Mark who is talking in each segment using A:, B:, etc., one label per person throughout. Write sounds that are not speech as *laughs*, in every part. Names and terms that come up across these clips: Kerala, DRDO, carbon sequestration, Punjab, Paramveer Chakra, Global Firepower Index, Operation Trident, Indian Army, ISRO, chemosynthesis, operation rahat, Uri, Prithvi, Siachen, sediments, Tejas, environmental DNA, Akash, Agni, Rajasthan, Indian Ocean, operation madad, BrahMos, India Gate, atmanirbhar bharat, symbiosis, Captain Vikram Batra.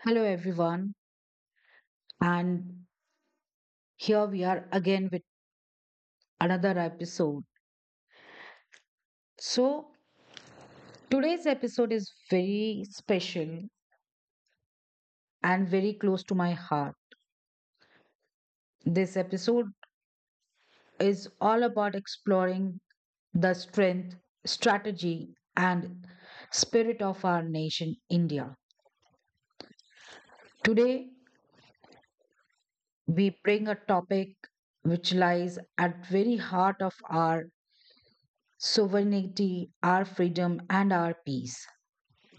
A: Hello, everyone, and here we are again with another episode. So today's episode is very special and very close to my heart. This episode is all about exploring the strength, strategy, and spirit of our nation, India. Today, we bring a topic which lies at very heart of our sovereignty, our freedom, and our peace.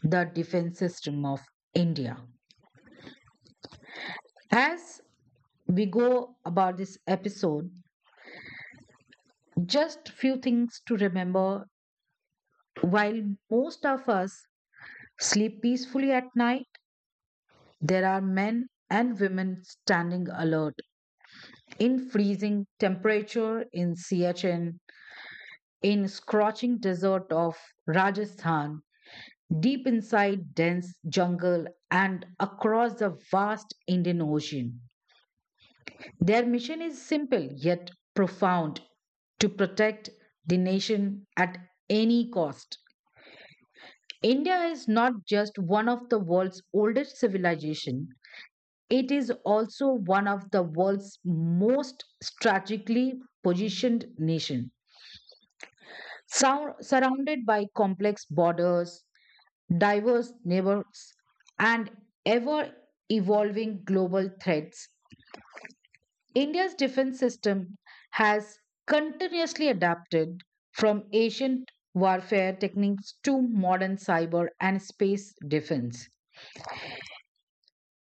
A: The defense system of India. As we go about this episode, just few things to remember. While most of us sleep peacefully at night, there are men and women standing alert in freezing temperature in Siachen, in scorching desert of Rajasthan, deep inside dense jungle and across the vast Indian Ocean. Their mission is simple yet profound to protect the nation at any cost. India is not just one of the world's oldest civilizations; it is also one of the world's most strategically positioned nation. Surrounded by complex borders, diverse neighbors, and ever evolving global threats, India's defense system has continuously adapted from ancient warfare techniques to modern cyber and space defense.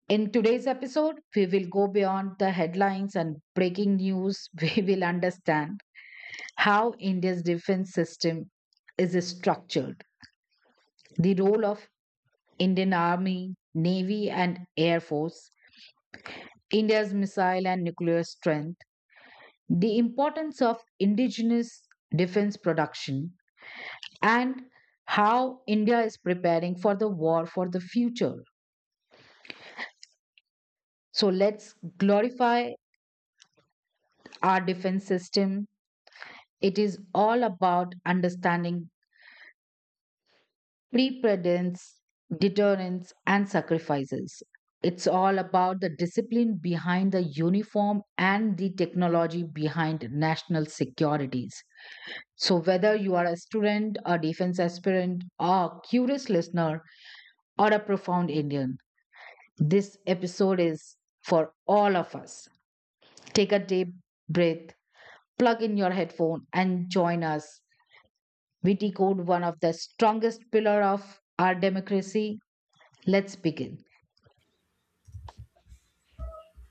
A: In today's episode, we will go beyond the headlines and breaking news. *laughs* We will understand how India's defense system is structured, the role of Indian Army, Navy, and Air Force, India's missile and nuclear strength, the importance of indigenous defense production, and how India is preparing for the war for the future. So let's glorify our defense system. It is all about understanding preparedness, deterrence, and sacrifices. It's all about the discipline behind the uniform and the technology behind national securities. So, whether you are a student, a defense aspirant, or a curious listener, or a profound Indian. This episode is for all of us. Take a deep breath, plug in your headphone, and join us. We decode one of the strongest pillar of our democracy. Let's begin.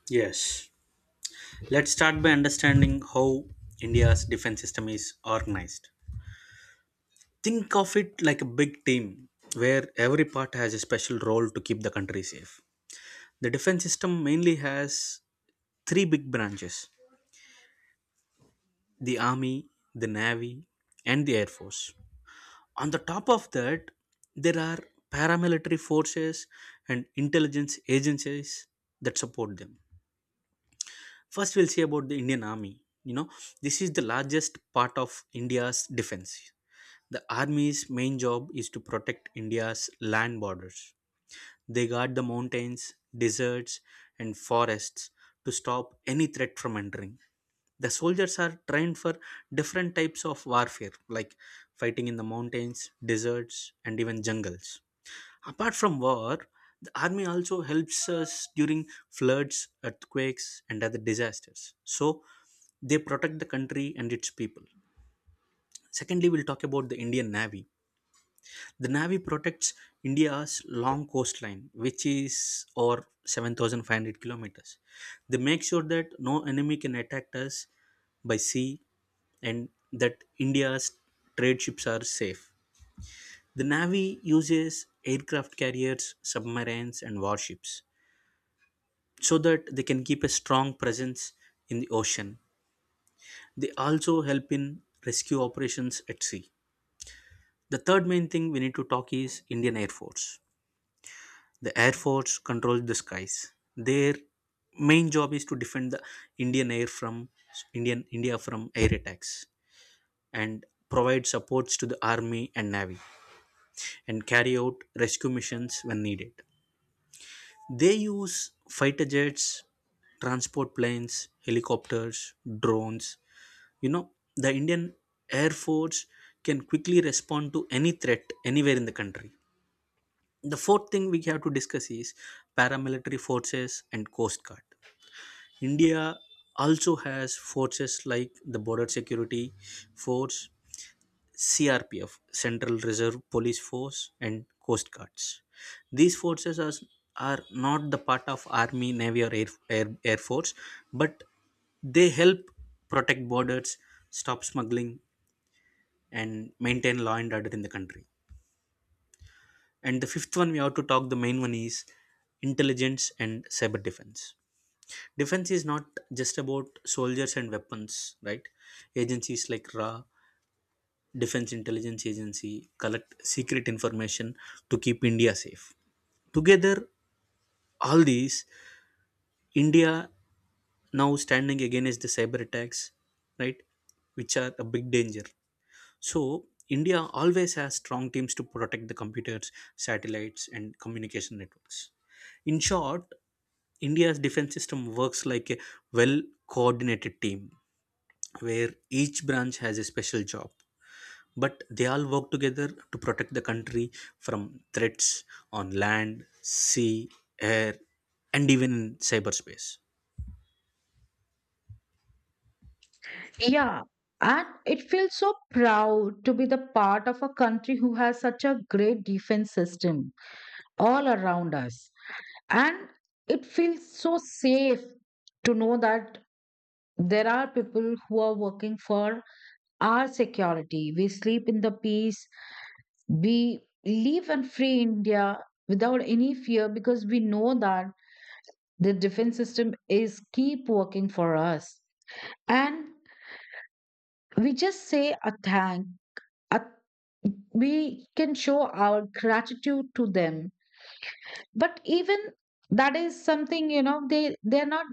B: Yes. Let's start by understanding how India's defense system is organized. Think of it like a big team where every part has a special role to keep the country safe. The defense system mainly has three big branches: the army, the navy, and the air force. On the top of that, there are paramilitary forces and intelligence agencies that support them. First, we'll see about the Indian Army. You know, this is the largest part of India's defense. The Army's main job is to protect India's land borders. They guard the mountains, deserts, and forests to stop any threat from entering. The soldiers are trained for different types of warfare, like fighting in the mountains, deserts, and even jungles. Apart from war, the army also helps us during floods, earthquakes, and other disasters. So they protect the country and its people. Secondly, we'll talk about the Indian Navy. The Navy protects India's long coastline, which is over 7,500 kilometers. They make sure that no enemy can attack us by sea and that India's trade ships are safe. The Navy uses aircraft carriers, submarines, and warships, so that they can keep a strong presence in the ocean. They also help in rescue operations at sea. The third main thing we need to talk is Indian Air Force. The Air Force controls the skies. Their main job is to defend the Indian air from India from air attacks and provide supports to the army and navy and carry out rescue missions when needed. They use fighter jets, transport planes, helicopters, drones. You know, the Indian Air Force can quickly respond to any threat anywhere in the country. The fourth thing we have to discuss is paramilitary forces and coast guard. India also has forces like the Border Security Force, CRPF, Central Reserve Police Force, and coast guards. These forces are not the part of army, navy, or air force, but they help protect borders, stop smuggling, and maintain law and order in the country. And the fifth one we have to talk, the main one, is intelligence and cyber defense. Defense is not just about soldiers and weapons, right? Agencies like RA, Defense Intelligence Agency, collect secret information to keep India safe. Together, all these, India now standing against the cyber attacks, right? Which are a big danger. So, India always has strong teams to protect the computers, satellites, and communication networks. In short, India's defense system works like a well coordinated team where each branch has a special job. But they all work together to protect the country from threats on land, sea, air, and even in cyberspace.
A: Yeah, and it feels so proud to be the part of a country who has such a great defense system all around us. And it feels so safe to know that there are people who are working for our security. We sleep in the peace. We live in free India without any fear because we know that the defense system is keep working for us. And we just say a thank. A, we can show our gratitude to them. But even that is something, you know, they're not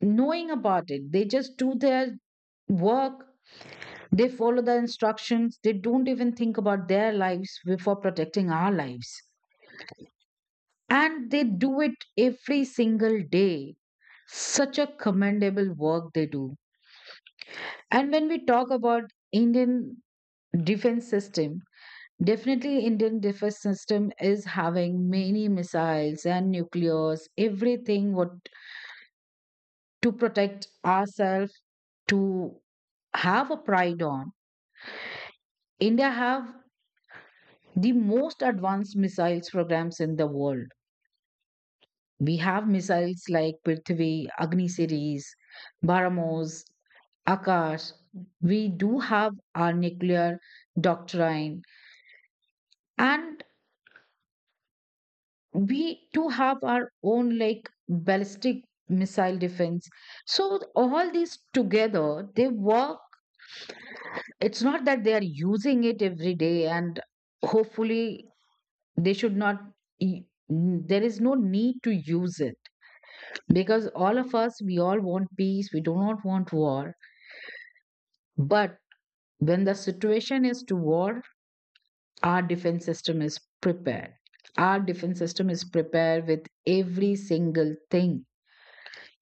A: knowing about it. They just do their work. They follow the instructions. They don't even think about their lives before protecting our lives. And they do it every single day. Such a commendable work they do. And when we talk about Indian defense system, definitely Indian defense system is having many missiles and nuclears, everything what to protect ourselves, to have a pride on. India have the most advanced missiles programs in the world. We have missiles like Prithvi, Agni series, BrahMos, Akash. We do have our nuclear doctrine, and we do have our own like ballistic missile defense. So all these together, they work. It's not that they are using it every day, and hopefully they should not. There is no need to use it because all of us, we all want peace. We do not want war. But when the situation is to war, our defense system is prepared. Our defense system is prepared with every single thing.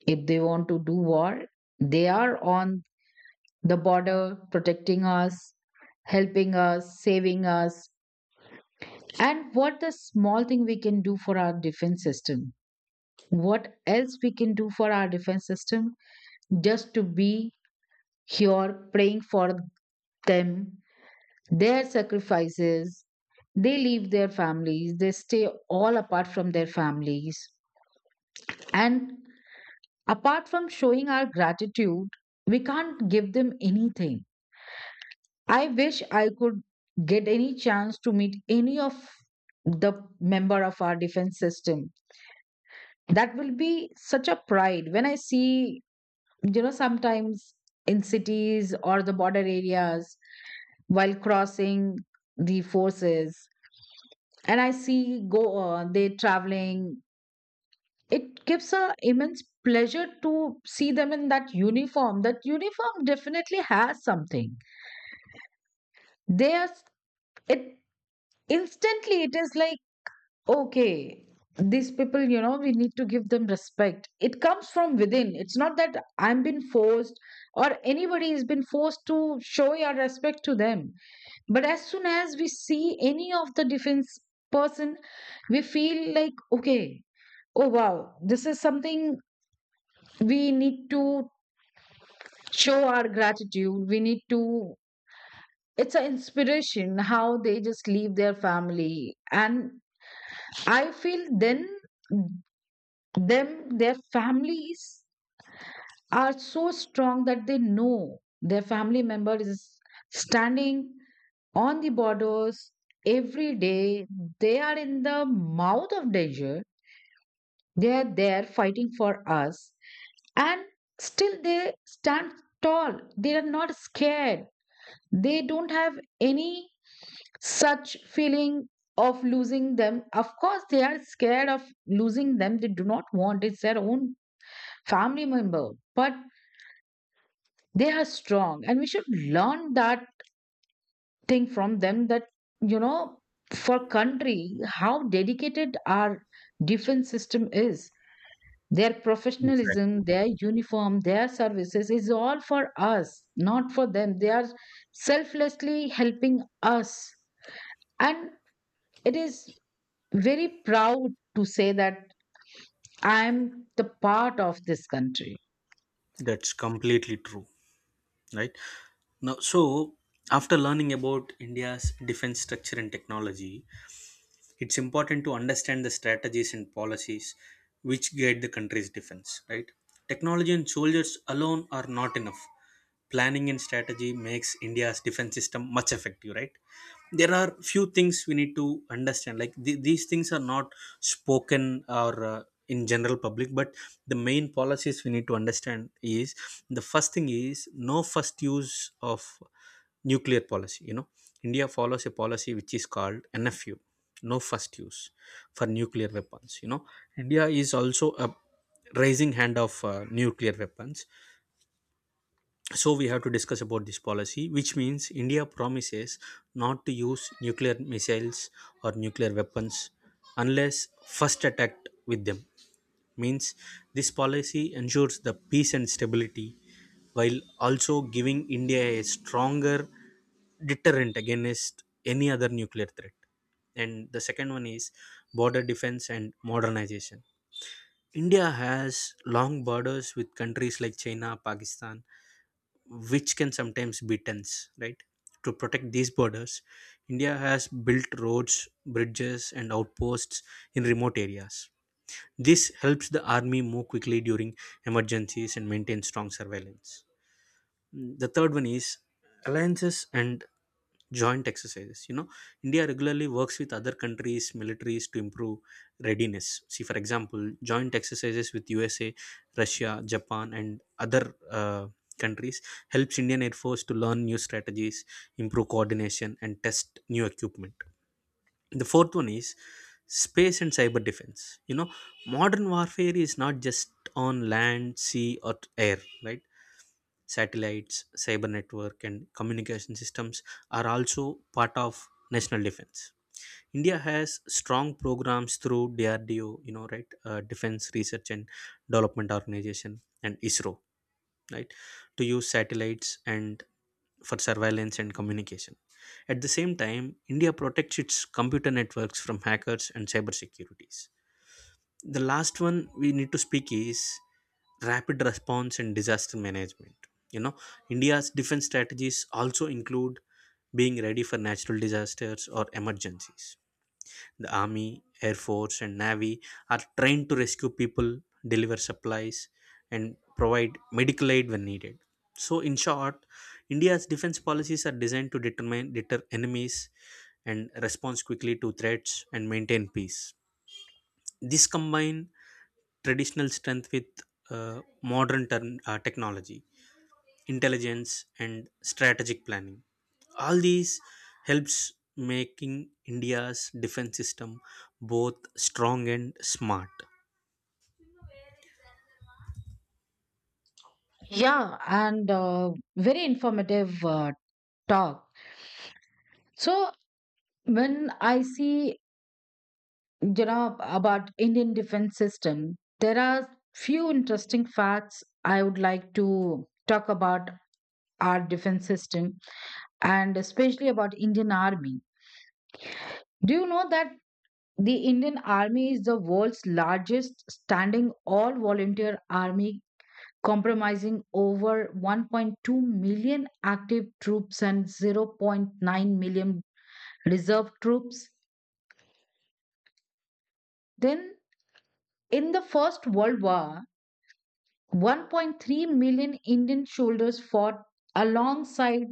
A: If they want to do war, they are on the border protecting us, helping us, saving us. And what the small thing we can do for our defense system? What else we can do for our defense system? Just to be here praying for them. Their sacrifices, they leave their families, they stay all apart from their families. And apart from showing our gratitude, we can't give them anything. I wish I could get any chance to meet any of the member of our defense system. That will be such a pride when I see, you know, sometimes in cities or the border areas while crossing the forces, and I see go they traveling. It gives a immense pleasure to see them in that uniform. That uniform definitely has something. They are s- it instantly. It is like okay, these people, you know, we need to give them respect. It comes from within. It's not that I'm been forced or anybody has been forced to show your respect to them. But as soon as we see any of the defense person, we feel like okay, oh wow, this is something we need to. Show our gratitude, we need to. It's an inspiration how they just leave their family. And I feel then them, their families are so strong that they know their family member is standing on the borders every day. They are in the mouth of danger. They are there fighting for us. And still they stand tall. They are not scared. They don't have any such feeling of losing them. Of course they are scared of losing them. They do not want. It's their own family member. But they are strong, and we should learn that thing from them, that, you know, for country, how dedicated our defense system is. Their
B: Exactly.
A: professionalism, their uniform, their services is all for us, not for them. They are selflessly helping us. And it is very proud to say that I am the part of this country.
B: That's completely true. Right, now, so after learning about India's defense structure and technology, it's important to understand the strategies and policies which guide the country's defense, right? Technology and soldiers alone are not enough. Planning and strategy makes India's defense system much effective, right? There are few things we need to understand, like these things are not spoken or in general public, but the main policies we need to understand is the first thing is no first use of nuclear policy. You know, India follows a policy which is called NFU, no first use, for nuclear weapons. You know, India is also a raising hand of nuclear weapons, so we have to discuss about this policy, which means India promises not to use nuclear missiles or nuclear weapons unless first attacked with them. Means this policy ensures the peace and stability while also giving India a stronger deterrent against any other nuclear threat. And the second one is border defense and modernization. India has long borders with countries like China, Pakistan, which can sometimes be tense, right? To protect these borders, India has built roads, bridges, and outposts in remote areas. This helps the army move quickly during emergencies and maintain strong surveillance. The third one is alliances and joint exercises. You know, India regularly works with other countries' militaries to improve readiness. See, for example, joint exercises with USA, Russia, Japan, and other countries helps Indian Air Force to learn new strategies, improve coordination, and test new equipment. The fourth one is space and cyber defense. You know, modern warfare is not just on land, sea, or air, right? Satellites, cyber network, and communication systems are also part of national defense. India has strong programs through DRDO, you know, right, Defense Research and Development Organization, and ISRO, right, to use satellites and for surveillance and communication. At the same time, India protects its computer networks from hackers and cyber securities. The last one we need to speak is rapid response and disaster management. You know, India's defense strategies also include being ready for natural disasters or emergencies. The army, air force, and navy are trained to rescue people, deliver supplies, and provide medical aid when needed. So in short, India's defense policies are designed to determine deter enemies and respond quickly to threats and maintain peace. This combine traditional strength with modern term, technology, intelligence, and strategic planning. All these helps making India's defense system both strong and smart.
A: Yeah, and very informative talk. So when I see, you know, about Indian defense system, there are few interesting facts I would like to talk about our defense system, and especially about Indian Army. Do you know that the Indian Army is the world's largest standing all-volunteer army comprising over 1.2 million active troops and zero point 0.9 million reserve troops? Then in the First World War, 1.3 million Indian soldiers fought alongside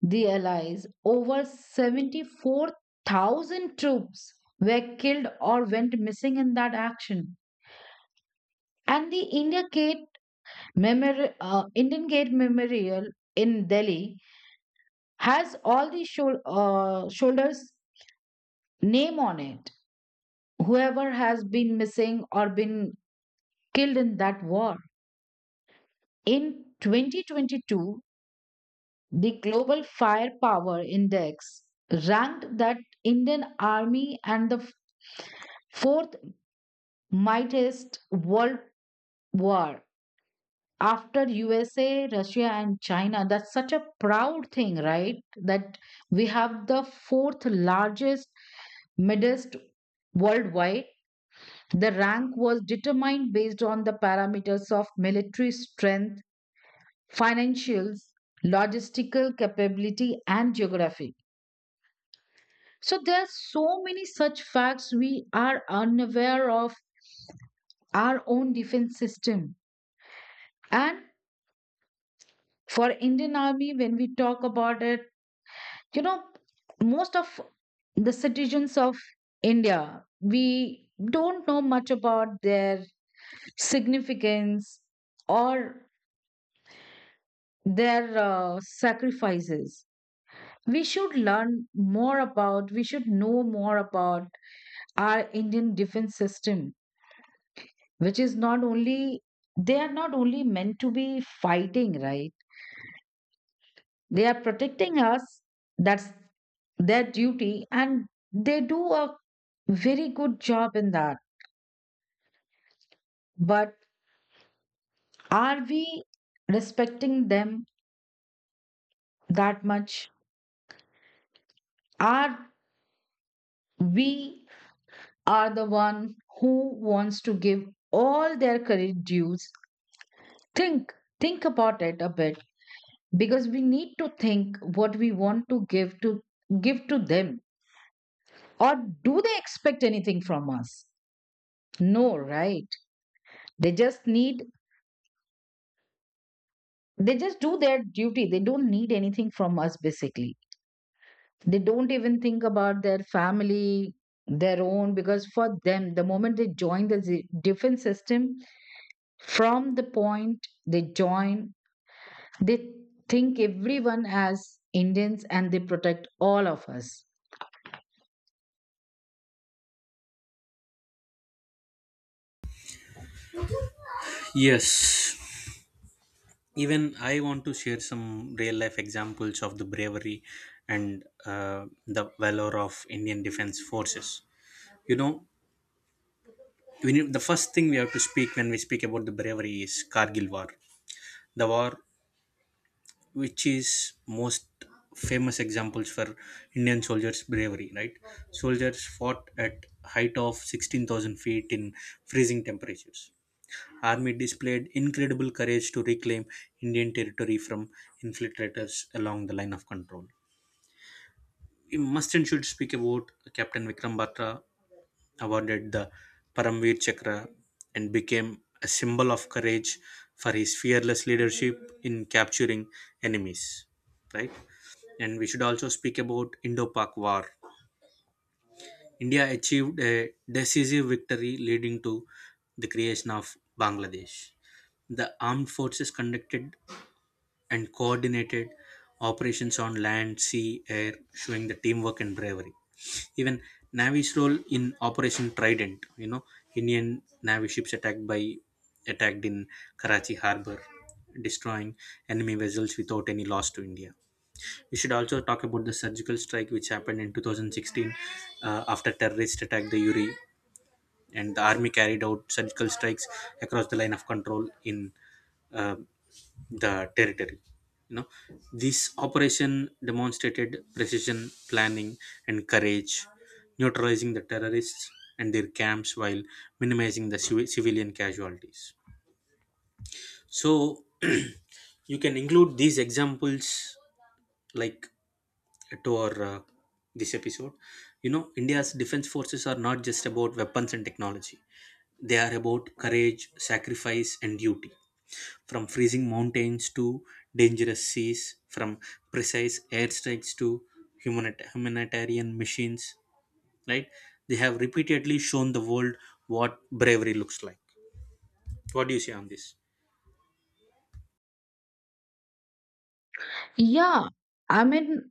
A: the Allies. Over 74,000 troops were killed or went missing in that action. And the Indian Gate Memorial in Delhi has all the soldiers' name on it. Whoever has been missing or been killed in that war. In 2022, the Global Firepower Index ranked that Indian Army and the fourth mightiest world war after USA, Russia, and China. That's such a proud thing, right? That we have the fourth largest midst worldwide. The rank was determined based on the parameters of military strength, financials, logistical capability, and geography. So there are so many such facts we are unaware of our own defense system. And for Indian Army, when we talk about it, you know, most of the citizens of India, we don't know much about their significance or their sacrifices. We should learn more about, we should know more about our Indian defense system, which is not only, they are not only meant to be fighting, right? They are protecting us. That's their duty, and they do a very good job in that. But are we respecting them that much? Are we are the one who wants to give all their credit dues? think think about it a bit, because we need to think what we want to give to give to them. Or do they expect anything from us? No, right? They just need, they just do their duty. They don't need anything from us, basically. They don't even think about their family, their own, because for them the moment they join the defense system, from the point they join, they think everyone as Indians, and they protect all of us.
B: Yes, even I want to share some real life examples of the bravery and uh, the valor of Indian defense forces. You know, the first thing we have to speak when we speak about the bravery is Kargil War, the war which is most famous examples for Indian soldiers' bravery, right? Soldiers fought at height of 16,000 feet in freezing temperatures. Army displayed incredible courage to reclaim Indian territory from infiltrators along the line of control. We must and should speak about Captain Vikram Batra, awarded the Paramveer Chakra and became a symbol of courage for his fearless leadership in capturing enemies, right? And we should also speak about Indo-Pak War. India achieved a decisive victory leading to the creation of Bangladesh. The armed forces conducted and coordinated operations on land, sea, air, showing the teamwork and bravery. Even Navy's role in Operation Trident, you know, Indian Navy ships attacked in Karachi harbor, destroying enemy vessels without any loss to India. We should also talk about the surgical strike which happened in 2016 after terrorist attack the Uri, and the army carried out surgical strikes across the line of control in uh, the territory. You know, this operation demonstrated precision, planning, and courage, neutralizing the terrorists and their camps while minimizing the civilian casualties. So *clears throat* you can include these examples, like, to our this episode. You know, India's defense forces are not just about weapons and technology. They are about courage, sacrifice, and duty. From freezing mountains to dangerous seas, from precise airstrikes to humanitarian machines, right, they have repeatedly shown the world what bravery looks like. What do you say on this?
A: Yeah, I mean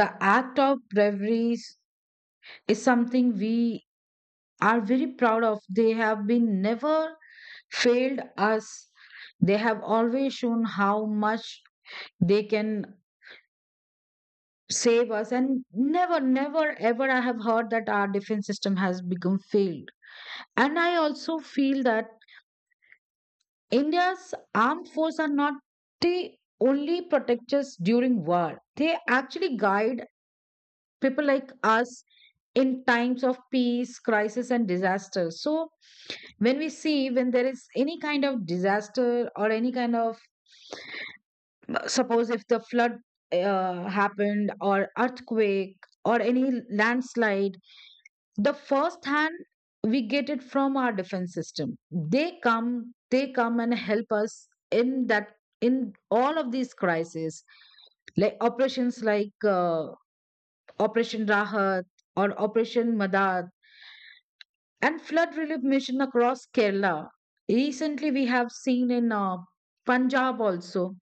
A: the act of bravery is something we are very proud of. They have been never failed us. They have always shown how much they can save us. And never, never ever I have heard that our defense system has become failed. And I also feel that India's armed force are not the only protectors during war. They actually guide people like us in times of peace crisis and disaster. So when we see, when there is any kind of disaster or any kind of, suppose if the flood happened or earthquake or any landslide, the first hand we get it from our defense system. They come and help us in that, in all of these crises. Like operations like Operation Rahat or Operation Madad and flood relief mission across Kerala. Recently, we have seen in Punjab also.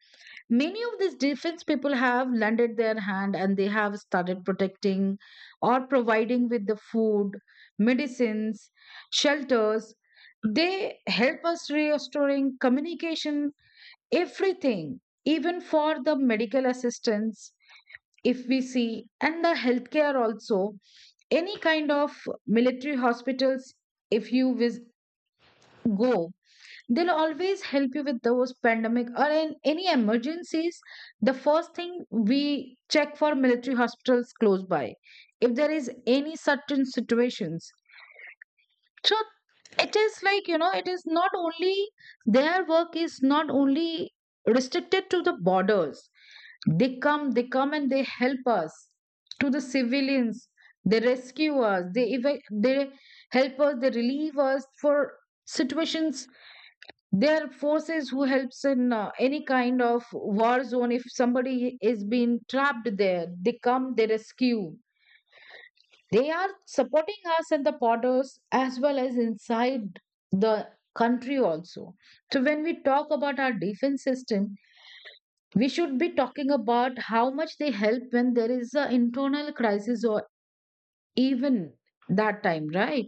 A: Many of these defense people have lended their hand, and they have started protecting or providing with the food, medicines, shelters. They help us restoring communication, everything. Even for the medical assistance if we see, and the healthcare also, any kind of military hospitals, if you go, they'll always help you with those pandemic or in any emergencies. The first thing we check for military hospitals close by if there is any certain situations. So it is like, you know, it is not only, their work is not only restricted to the borders. They come and they help us to the civilians. They rescue us. They help us. They relieve us for situations. There are forces who helps in any kind of war zone. If somebody is being trapped there, they come. They rescue. They are supporting us at the borders as well as inside the country also. So when we talk about our defense system, we should be talking about how much they help when there is an internal crisis or even that time, right?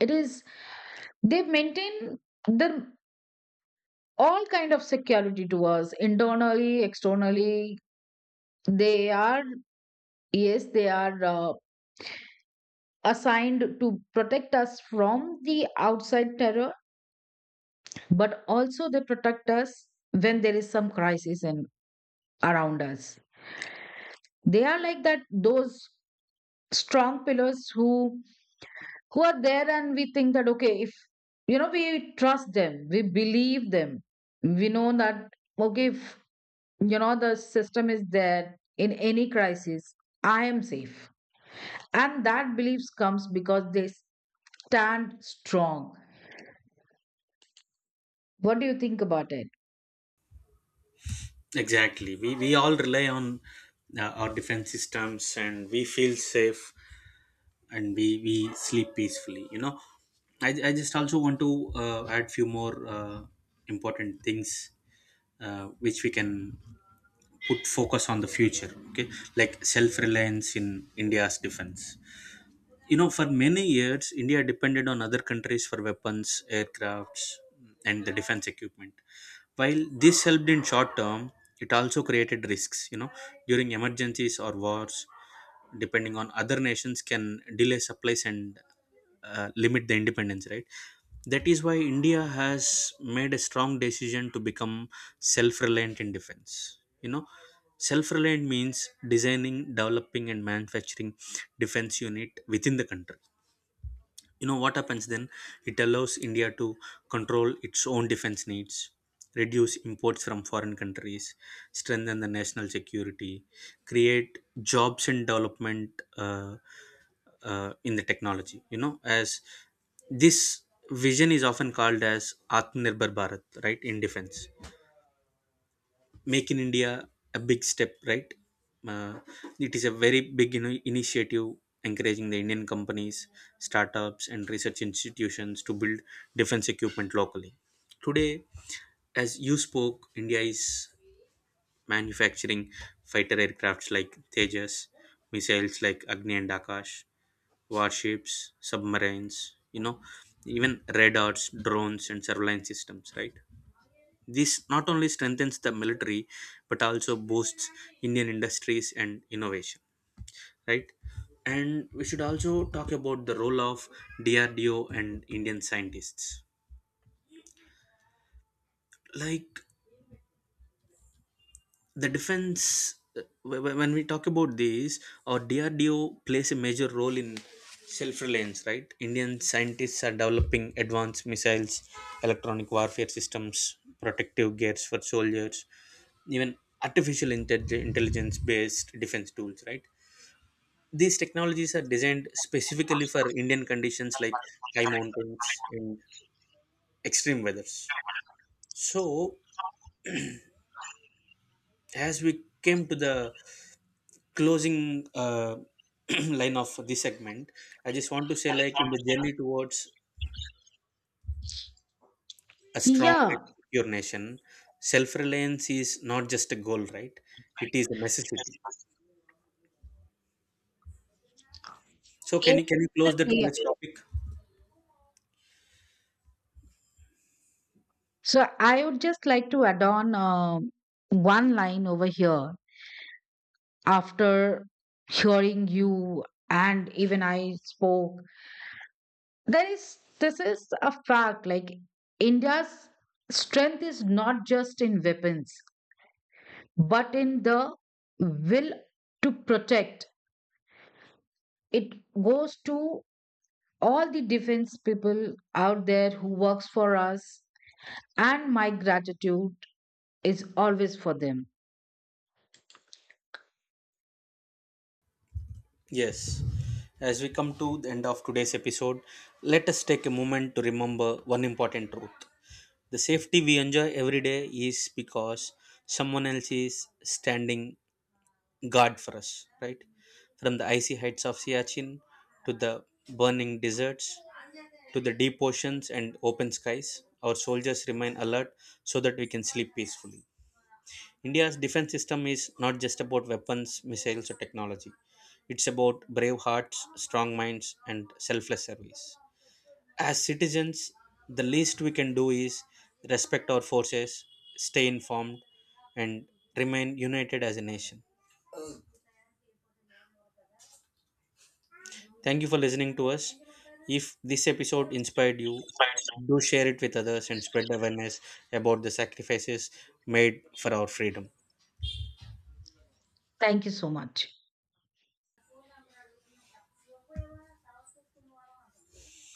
A: It is they maintain the all kind of security to us internally, externally. They are, yes, they are assigned to protect us from the outside terror, but also they protect us when there is some crisis in around us. They are like that those strong pillars who are there, and we think that, okay, if, you know, we trust them, we believe them. We know that okay, if, you know, the system is there in any crisis, I am safe. And that beliefs comes because they stand strong. What do you think about it?
B: Exactly. We all rely on our defense systems and we feel safe, and we sleep peacefully. You know, I just also want to add few more important things, which we can put focus on the future, okay? Like self-reliance in India's defense. You know, for many years India depended on other countries for weapons, aircrafts, and the defense equipment. While this helped in short term, it also created risks. You know, during emergencies or wars, depending on other nations, can delay supplies and limit the independence. Right. That is why India has made a strong decision to become self-reliant in defense. You know, self-reliant means designing, developing, and manufacturing defense unit within the country. You know what happens then? It allows India to control its own defense needs, reduce imports from foreign countries, strengthen the national security, create jobs and development uh, in the technology. You know, as this vision is often called as Atmanirbhar Bharat, right, in defense, Make in India, a big step, right? uh, it is a very big, you know, initiative, encouraging the Indian companies, startups, and research institutions to build defense equipment locally. Today, as you spoke, India is manufacturing fighter aircrafts like Tejas, missiles like Agni and Akash, warships, submarines, you know, even radars, drones, and surveillance systems, right? This not only strengthens the military but also boosts Indian industries and innovation, right? And we should also talk about the role of DRDO and Indian scientists. Like the defense, when we talk about this, our DRDO plays a major role in self reliance, right? Indian scientists are developing advanced missiles, electronic warfare systems, protective gears for soldiers, even artificial intelligence based defense tools, right? These technologies are designed specifically for Indian conditions like high mountains and extreme weathers. So as we came to the closing *clears throat* line of this segment, I just want to say, like, in the journey towards a strong and
A: Yeah,
B: secure nation, self-reliance is not just a goal, right? It is a necessity. So
A: it-
B: can you close the
A: definitely.
B: today's topic?
A: So I would just like to add on one line over here. After hearing you, and even I spoke, there is, this is a fact, like India's strength is not just in weapons, but in the will to protect it. Goes to all the defense people out there who works for us, and my gratitude is always for them.
B: Yes. As we come to the end of today's episode, let us take a moment to remember one important truth. The safety we enjoy every day is because someone else is standing guard for us, right? From the icy heights of Siachen to the burning deserts to the deep oceans and open skies, our soldiers remain alert so that we can sleep peacefully. India's defense system is not just about weapons, missiles, or technology. It's about brave hearts, strong minds, and selfless service. As citizens, the least we can do is respect our forces, stay informed, and remain united as a nation. Thank you for listening to us. If this episode inspired you, do share it with others and spread awareness about the sacrifices made for our freedom.
A: Thank you so much.